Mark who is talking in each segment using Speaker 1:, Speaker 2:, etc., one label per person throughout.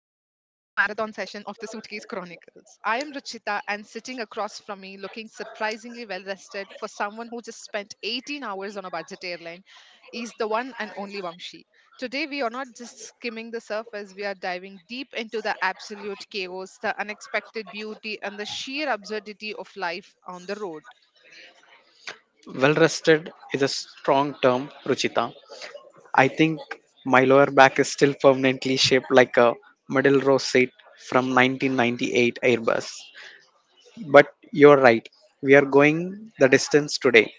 Speaker 1: Chronicles. I am Ruchita, and sitting across from me, looking surprisingly well rested for someone who just spent 18 hours on a budget airline, is the one and only Vamshi. Today, we are not just skimming the surface, we are diving deep into the absolute chaos, the unexpected beauty, and the sheer absurdity of life on the road.
Speaker 2: Well rested is a strong term, Ruchita. I think my lower back is still permanently shaped like a middle row seat from 1998 Airbus. But you're right, we are going the distance today.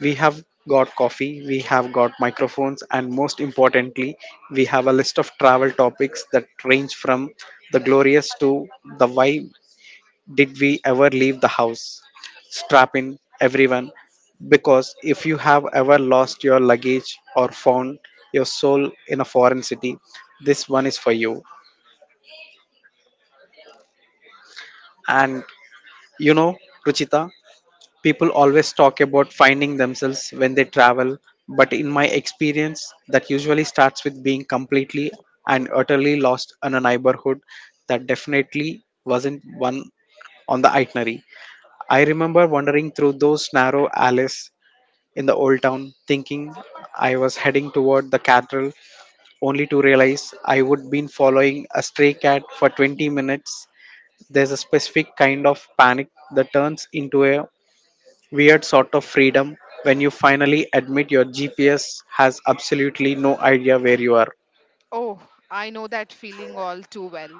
Speaker 2: We have got coffee, we have got microphones, and most importantly, we have a list of travel topics that range from the glorious to the why did we ever leave the house? Strap in, everyone, because if you have ever lost your luggage or found your soul in a foreign city, this one is for you. And you know, Ruchita, people always talk about finding themselves when they travel, but in my experience, that usually starts with being completely and utterly lost in a neighborhood that definitely wasn't one on the itinerary. I remember wandering through those narrow alleys in the old town, thinking I was heading toward the cathedral, only to realize I would been following a stray cat for 20 minutes. There's a specific kind of panic that turns into a weird sort of freedom when you finally admit your GPS has absolutely no idea where you are.
Speaker 1: Oh, I know that feeling all too well.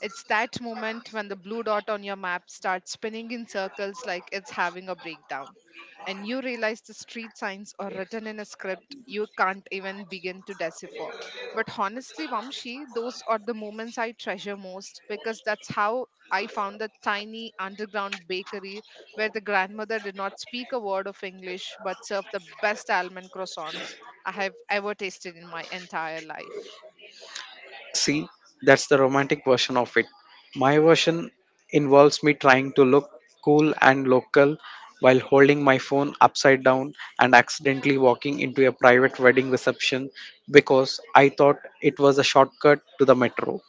Speaker 1: It's that moment when the blue dot on your map starts spinning in circles like it's having a breakdown. And you realize the street signs are written in a script you can't even begin to decipher. But honestly, Vamshi, those are the moments I treasure most, because that's how I found the tiny underground bakery where the grandmother did not speak a word of English but served the best almond croissants I have ever tasted in my entire life.
Speaker 2: See, that's the romantic version of it. My version involves me trying to look cool and local while holding my phone upside down and accidentally walking into a private wedding reception because I thought it was a shortcut to the metro.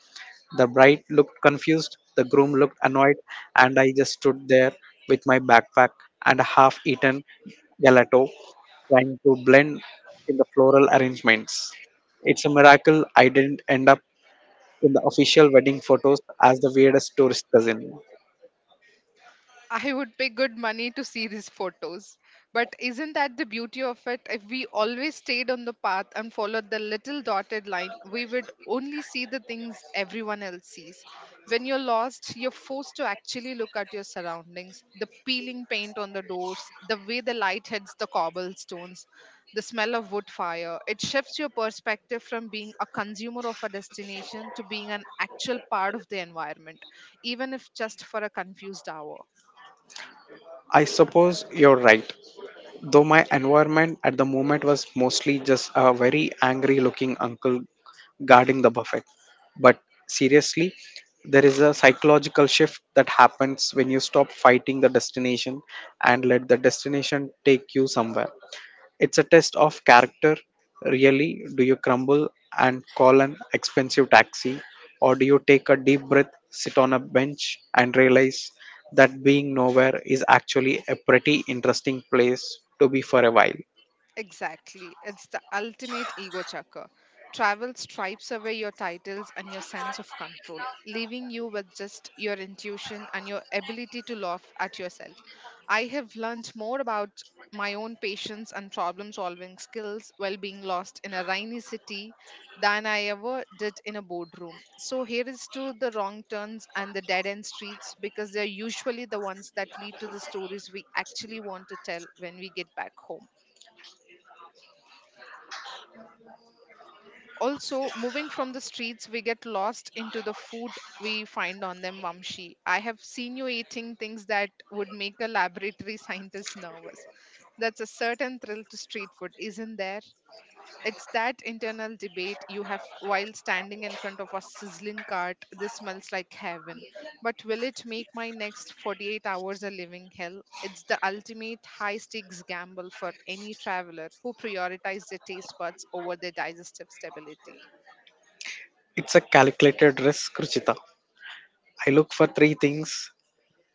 Speaker 2: The bride looked confused, the groom looked annoyed, and I just stood there with my backpack and a half eaten gelato trying to blend in the floral arrangements. It's a miracle I didn't end up in the official wedding photos as the weirdest tourist cousin.
Speaker 1: I would pay good money to see these photos. But isn't that the beauty of it? If we always stayed on the path and followed the little dotted line, we would only see the things everyone else sees. When you're lost, you're forced to actually look at your surroundings, the peeling paint on the doors, the way the light hits the cobblestones, the smell of wood fire. It shifts your perspective from being a consumer of a destination to being an actual part of the environment, even if just for a confused hour.
Speaker 2: I suppose you're right, though my environment at the moment was mostly just a very angry looking uncle guarding the buffet. But seriously, there is a psychological shift that happens when you stop fighting the destination and let the destination take you somewhere. It's a test of character, really. Do you crumble and call an expensive taxi, or do you take a deep breath, sit on a bench, and realize that being nowhere is actually a pretty interesting place to be for a while?
Speaker 1: Exactly. It's the ultimate ego chucker. Travel stripes away your titles and your sense of control, leaving you with just your intuition and your ability to laugh at yourself. I have learned more about my own patience and problem solving skills while being lost in a rainy city than I ever did in a boardroom. So, here is to the wrong turns and the dead end streets, because they're usually the ones that lead to the stories we actually want to tell when we get back home. Also, moving from the streets we get lost into the food we find on them, Vamshi, I have seen you eating things that would make a laboratory scientist nervous. That's a certain thrill to street food, isn't there? It's that internal debate you have while standing in front of a sizzling cart: this smells like heaven, but will it make my next 48 hours a living hell? It's the ultimate high stakes gamble for any traveler who prioritizes their taste buds over their digestive stability.
Speaker 2: It's a calculated risk, Ruchita. I look for three things: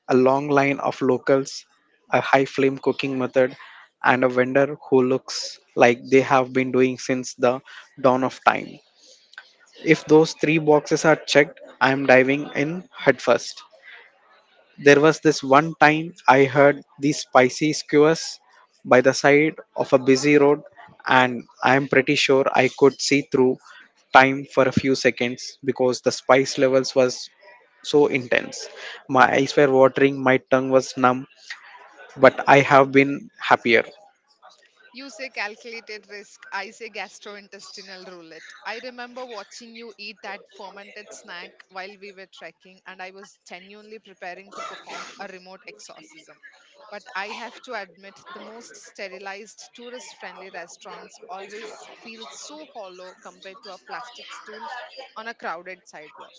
Speaker 2: a long line of locals, a high flame cooking method, and a vendor who looks like they have been doing since the dawn of time. If those three boxes are checked, I am diving in headfirst. There was this one time I heard these spicy skewers by the side of a busy road, and I am pretty sure I could see through time for a few seconds because the spice levels was so intense. My eyes were watering, my tongue was numb, but I have been happier.
Speaker 1: You say calculated risk. I say gastrointestinal roulette. I remember watching you eat that fermented snack while we were trekking, and I was genuinely preparing to perform a remote exorcism. But I have to admit, the most sterilized, tourist friendly restaurants always feel so hollow compared to a plastic stool on a crowded sidewalk.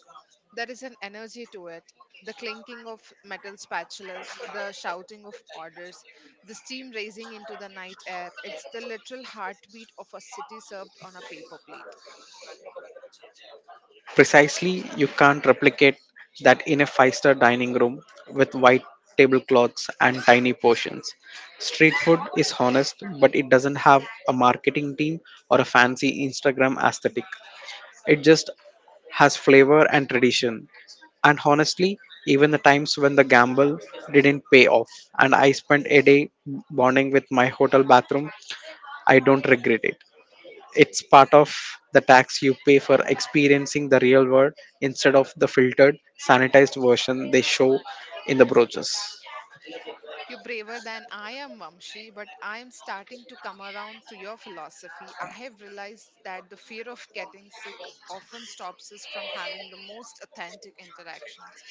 Speaker 1: There is an energy to it, the clinking of metal spatulas, the shouting of orders, the steam rising into the night air. It's the literal heartbeat of a city served on a paper plate.
Speaker 2: Precisely, you can't replicate that in a five-star dining room with white tablecloths and tiny portions. Street food is honest, but it doesn't have a marketing team or a fancy Instagram aesthetic. It just has flavor and tradition. And honestly, even the times when the gamble didn't pay off and I spent a day bonding with my hotel bathroom, I don't regret it. It's part of the tax you pay for experiencing the real world instead of the filtered, sanitized version they show in the brochures.
Speaker 1: You're braver than I am, Vamshi, but I am starting to come around to your philosophy. I have realized that the fear of getting sick often stops us from having the most authentic interactions.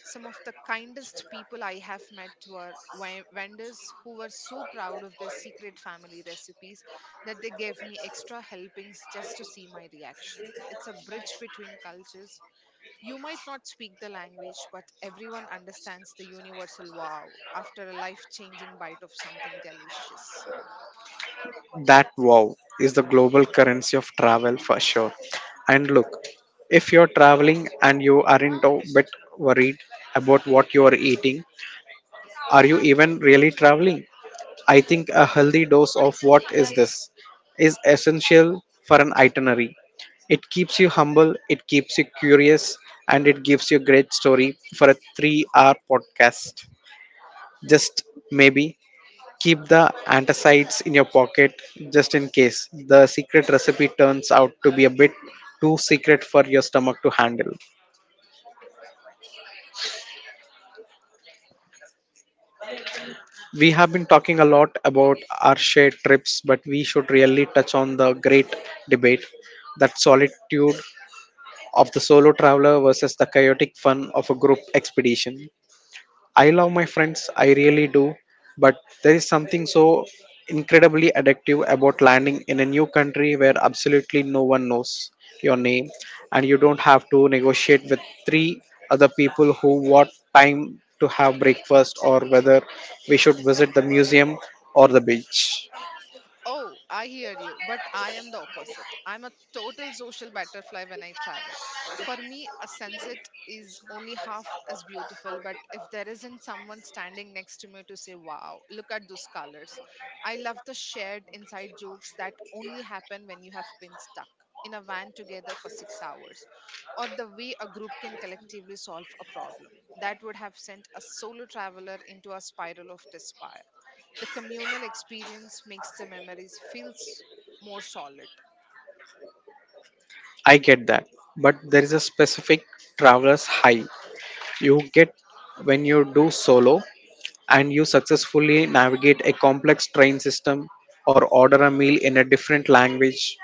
Speaker 1: Some of the kindest people I have met were vendors who were so proud of their secret family recipes that they gave me extra helpings just to see my reaction. It's a bridge between cultures. You might not speak the language, but everyone understands the universal wow after a life changing bite of something delicious.
Speaker 2: That wow is the global currency of travel for sure. And look, if you're traveling and you aren't a bit worried about what you are eating, are you even really traveling? I think a healthy dose of what is this is essential for an itinerary. It keeps you humble, it keeps you curious, and it gives you a great story for a 3-hour podcast. Just maybe keep the antacids in your pocket just in case the secret recipe turns out to be a bit too secret for your stomach to handle. We have been talking a lot about our shared trips, but we should really touch on the great debate: that solitude of the solo traveler versus the chaotic fun of a group expedition. I love my friends, I really do, but there is something so incredibly addictive about landing in a new country where absolutely no one knows your name and you don't have to negotiate with three other people who what time to have breakfast or whether we should visit the museum or the beach.
Speaker 1: Oh, I hear you, but I am the opposite. I'm a total social butterfly when I travel. For me, a sunset is only half as beautiful, but if there isn't someone standing next to me to say, wow, look at those colors. I love the shared inside jokes that only happen when you have been stuck in a van together for 6 hours, or the way a group can collectively solve a problem that would have sent a solo traveler into a spiral of despair. The communal experience makes the memories more solid.
Speaker 2: I get that, but there is a specific traveler's high you get when you do solo and you successfully navigate a complex train system or order a meal in a different language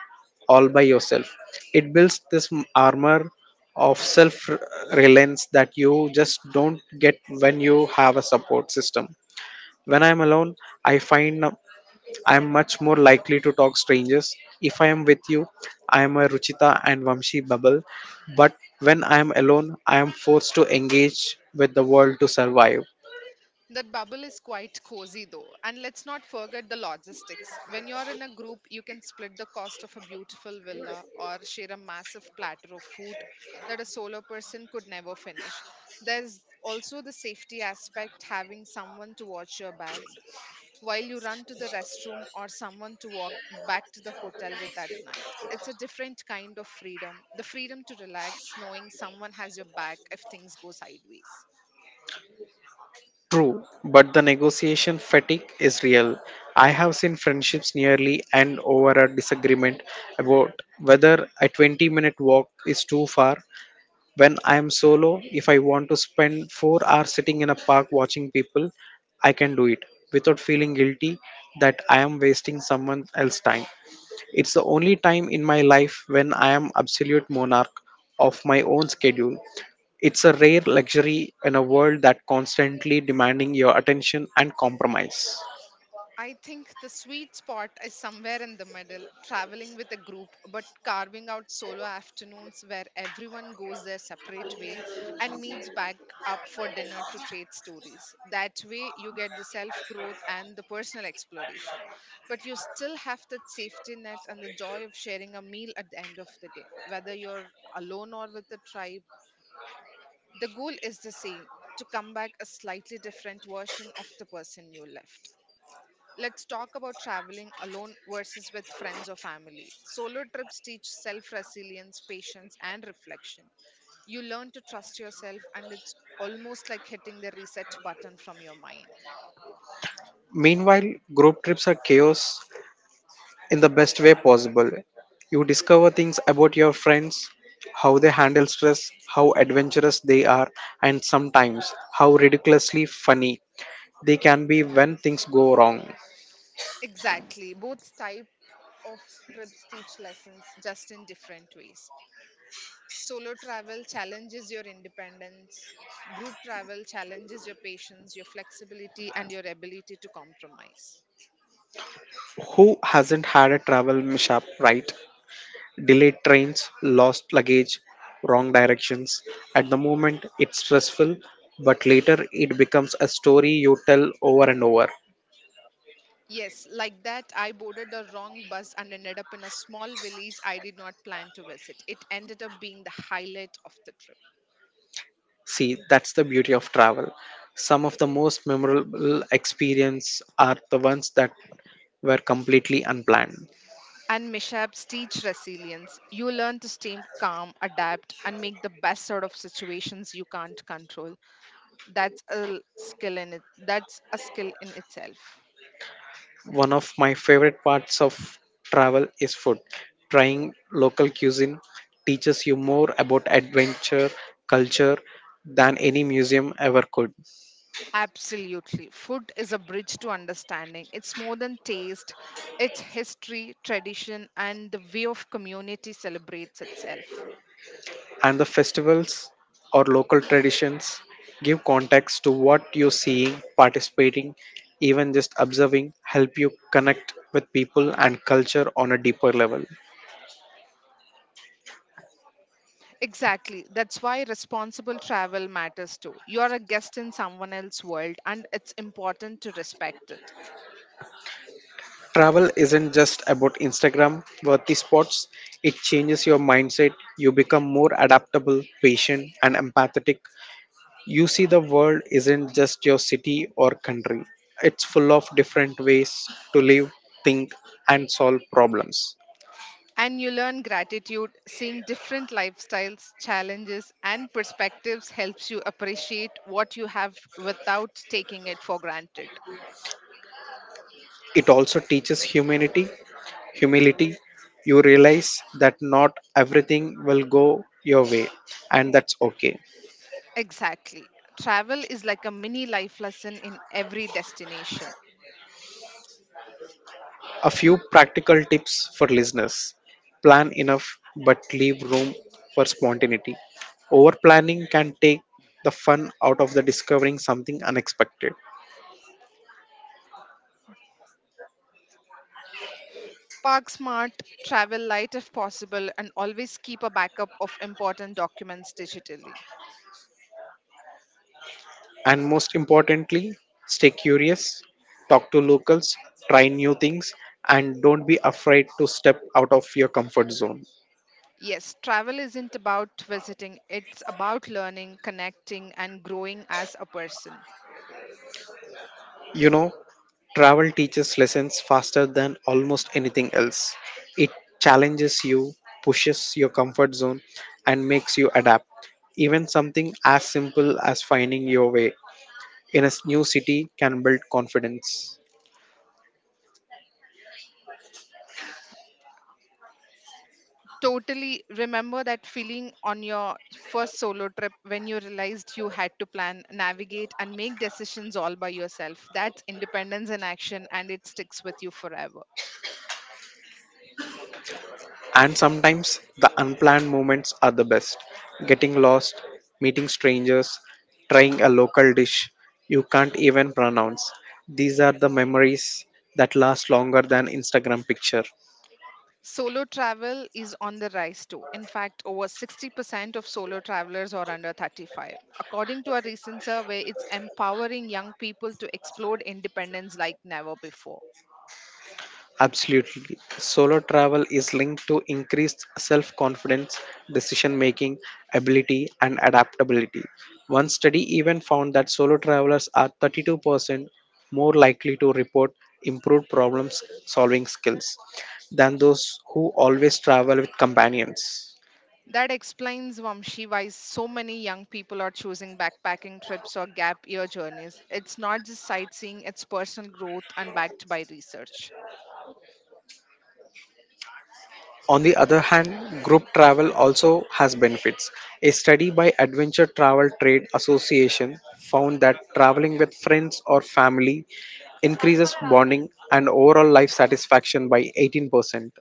Speaker 2: all by yourself. It builds this armor of self reliance that you just don't get when you have a support system. When I'm alone, I find I'm much more likely to talk strangers. If I am with you, I am a Ruchita and Vamshi bubble, but when I am alone, I am forced to engage with the world to survive.
Speaker 1: That bubble is quite cozy though. And let's not forget the logistics. When you're in a group, you can split the cost of a beautiful villa or share a massive platter of food that a solo person could never finish. There's also the safety aspect, having someone to watch your bags while you run to the restroom, or someone to walk back to the hotel with at night. It's a different kind of freedom, the freedom to relax, knowing someone has your back if things go sideways.
Speaker 2: True, but the negotiation fatigue is real. I have seen friendships nearly end over a disagreement about whether a 20-minute walk is too far. When I am solo, if I want to spend 4 hours sitting in a park watching people, I can do it without feeling guilty that I am wasting someone else's time. It's the only time in my life when I am absolute monarch of my own schedule. It's a rare luxury in a world that constantly demanding your attention and compromise.
Speaker 1: I think the sweet spot is somewhere in the middle, traveling with a group, but carving out solo afternoons where everyone goes their separate way and meets back up for dinner to trade stories. That way, you get the self growth and the personal exploration, but you still have that safety net and the joy of sharing a meal at the end of the day, whether you're alone or with a tribe. The goal is the same, to come back a slightly different version of the person you left. Let's talk about traveling alone versus with friends or family. Solo trips teach self resilience, patience, and reflection. You learn to trust yourself, and it's almost like hitting the reset button from your mind.
Speaker 2: Meanwhile, group trips are chaos in the best way possible. You discover things about your friends, how they handle stress, how adventurous they are, and sometimes how ridiculously funny they can be when things go wrong.
Speaker 1: Exactly. Both type of trips teach lessons just in different ways. Solo travel challenges your independence. Group travel challenges your patience, your flexibility, and your ability to compromise.
Speaker 2: Who hasn't had a travel mishap, right? Delayed trains, lost luggage, wrong directions. At the moment, it's stressful, but later it becomes a story you tell over and over.
Speaker 1: Yes, like that, I boarded the wrong bus and ended up in a small village I did not plan to visit. It ended up being the highlight of the trip.
Speaker 2: See, that's the beauty of travel. Some of the most memorable experiences are the ones that were completely unplanned.
Speaker 1: And mishaps teach resilience. You learn to stay calm, adapt, and make the best out of situations you can't control. That's a l- skill in it. That's a skill in itself.
Speaker 2: One of my favorite parts of travel is food. Trying local cuisine teaches you more about adventure, culture, than any museum ever could.
Speaker 1: Absolutely. Food is a bridge to understanding. It's more than taste, it's history, tradition, and the way of community celebrates itself.
Speaker 2: And the festivals or local traditions give context to what you're seeing, participating, even just observing help you connect with people and culture on a deeper level.
Speaker 1: Exactly. That's why responsible travel matters too. You're a guest in someone else's world, and it's important to respect it.
Speaker 2: Travel isn't just about Instagram worthy spots, it changes your mindset. You become more adaptable, patient, and empathetic. You see the world isn't just your city or country, it's full of different ways to live, think, and solve problems.
Speaker 1: And you learn gratitude, seeing different lifestyles, challenges, and perspectives helps you appreciate what you have without taking it for granted.
Speaker 2: It also teaches humanity, humility. You realize that not everything will go your way, and that's okay.
Speaker 1: Exactly. Travel is like a mini life lesson in every destination.
Speaker 2: A few practical tips for listeners: plan enough, but leave room for spontaneity. Over planning can take the fun out of the discovering something unexpected.
Speaker 1: Park smart, travel light if possible, and always keep a backup of important documents digitally.
Speaker 2: And most importantly, stay curious, talk to locals, try new things, and don't be afraid to step out of your comfort zone.
Speaker 1: Yes, travel isn't about visiting, it's about learning, connecting, and growing as a person.
Speaker 2: You know, travel teaches lessons faster than almost anything else. It challenges you, pushes your comfort zone, and makes you adapt. Even something as simple as finding your way in a new city can build confidence.
Speaker 1: Totally remember that feeling on your first solo trip when you realized you had to plan, navigate, and make decisions all by yourself. That's independence in action, and it sticks with you forever.
Speaker 2: And sometimes the unplanned moments are the best. Getting lost, meeting strangers, trying a local dish you can't even pronounce. These are the memories that last longer than Instagram picture.
Speaker 1: Solo travel is on the rise too. In fact, over 60% of solo travelers are under 35. According to a recent survey, it's empowering young people to explore independence like never before.
Speaker 2: Absolutely. Solo travel is linked to increased self confidence, decision making, ability, and adaptability. One study even found that solo travelers are 32% more likely to report improved problem solving skills than those who always travel with companions.
Speaker 1: That explains, Vamshi, why so many young people are choosing backpacking trips or gap year journeys. It's not just sightseeing, it's personal growth and backed by research.
Speaker 2: On the other hand, group travel also has benefits. A study by Adventure Travel Trade Association found that traveling with friends or family increases bonding and overall life satisfaction by 18%.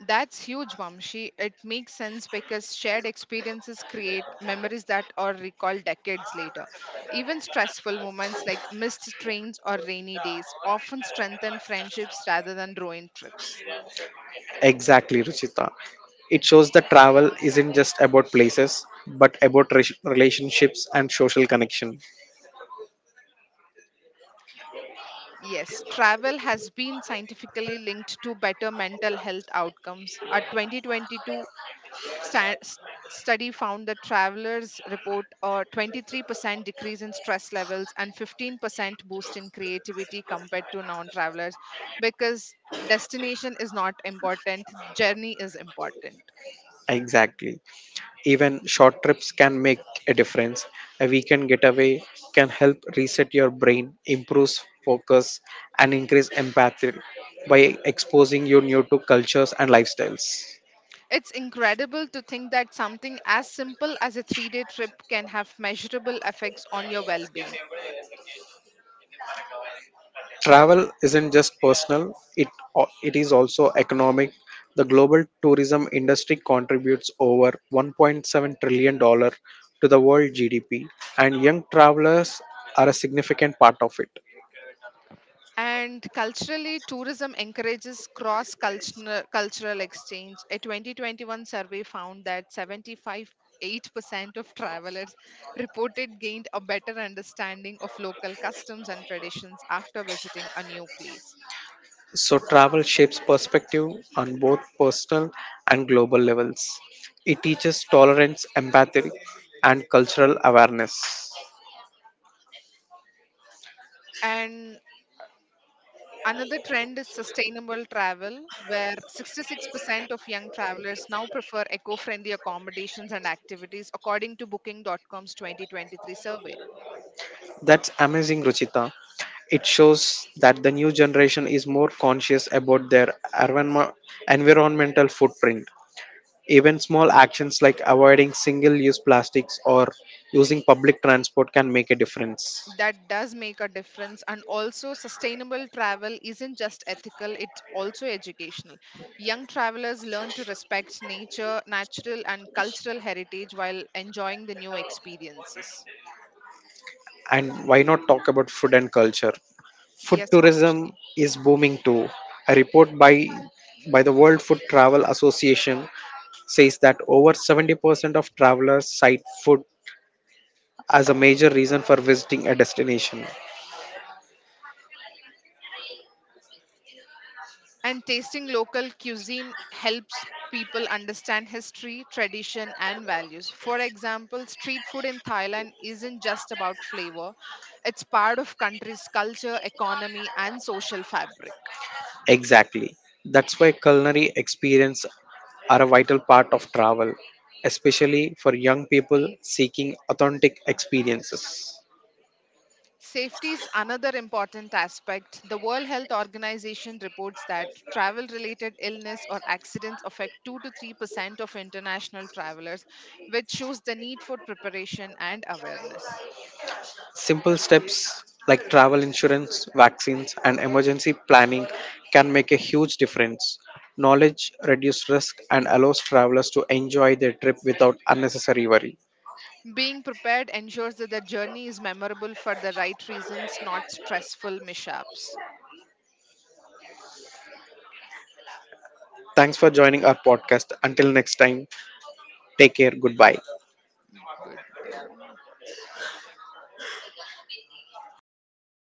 Speaker 1: That's huge, Vamshi. It makes sense because shared experiences create memories that are recalled decades later. Even stressful moments like missed trains or rainy days often strengthen friendships rather than ruin trips.
Speaker 2: Exactly, Ruchita. It shows that travel isn't just about places, but about relationships and social connection.
Speaker 1: Yes, travel has been scientifically linked to better mental health outcomes. A 2022 Sta- s- study found that travelers report a 23% decrease in stress levels and 15% boost in creativity compared to non-travelers, because destination is not important, journey is important.
Speaker 2: Exactly. Even short trips can make a difference. A weekend getaway can help reset your brain, improve focus, and increase empathy by exposing you new to cultures and lifestyles.
Speaker 1: It's incredible to think that something as simple as a 3-day trip can have measurable effects on your well-being.
Speaker 2: Travel isn't just personal, it is also economic. The global tourism industry contributes over $1.7 trillion to the world GDP, and young travelers are a significant part of it.
Speaker 1: And culturally, tourism encourages cross cultural exchange. A 2021 survey found that 75.8% of travelers reported gained a better understanding of local customs and traditions after visiting a new place.
Speaker 2: So, travel shapes perspective on both personal and global levels. It teaches tolerance, empathy, and cultural awareness.
Speaker 1: And another trend is sustainable travel, where 66% of young travelers now prefer eco friendly accommodations and activities, according to Booking.com's 2023 survey.
Speaker 2: That's amazing, Ruchita. It shows that the new generation is more conscious about their environmental footprint. Even small actions like avoiding single use plastics or using public transport can make a difference.
Speaker 1: That does make a difference, and also sustainable travel isn't just ethical, it's also educational. Young travelers learn to respect nature, natural and cultural heritage, while enjoying the new experiences.
Speaker 2: And why not talk about food and culture? Food
Speaker 1: Yes,
Speaker 2: tourism
Speaker 1: Vamshi.
Speaker 2: is booming too. A report by the World Food Travel Association says that over 70% of travelers cite food as a major reason for visiting a destination.
Speaker 1: And tasting local cuisine helps people understand history, tradition and values. For example, street food in Thailand isn't just about flavor, it's part of country's culture, economy and social fabric.
Speaker 2: Exactly. That's why culinary experience are a vital part of travel, especially for young people seeking authentic experiences.
Speaker 1: Safety is another important aspect. The World Health Organization reports that travel related illness or accidents affect 2 to 3% of international travelers, which shows the need for preparation and awareness.
Speaker 2: Simple steps like travel insurance, vaccines, and emergency planning can make a huge difference. Knowledge reduces risk and allows travelers to enjoy their trip without unnecessary worry.
Speaker 1: Being prepared ensures that the journey is memorable for the right reasons, not stressful mishaps.
Speaker 2: Thanks for joining our podcast. Until next time, take care. Goodbye.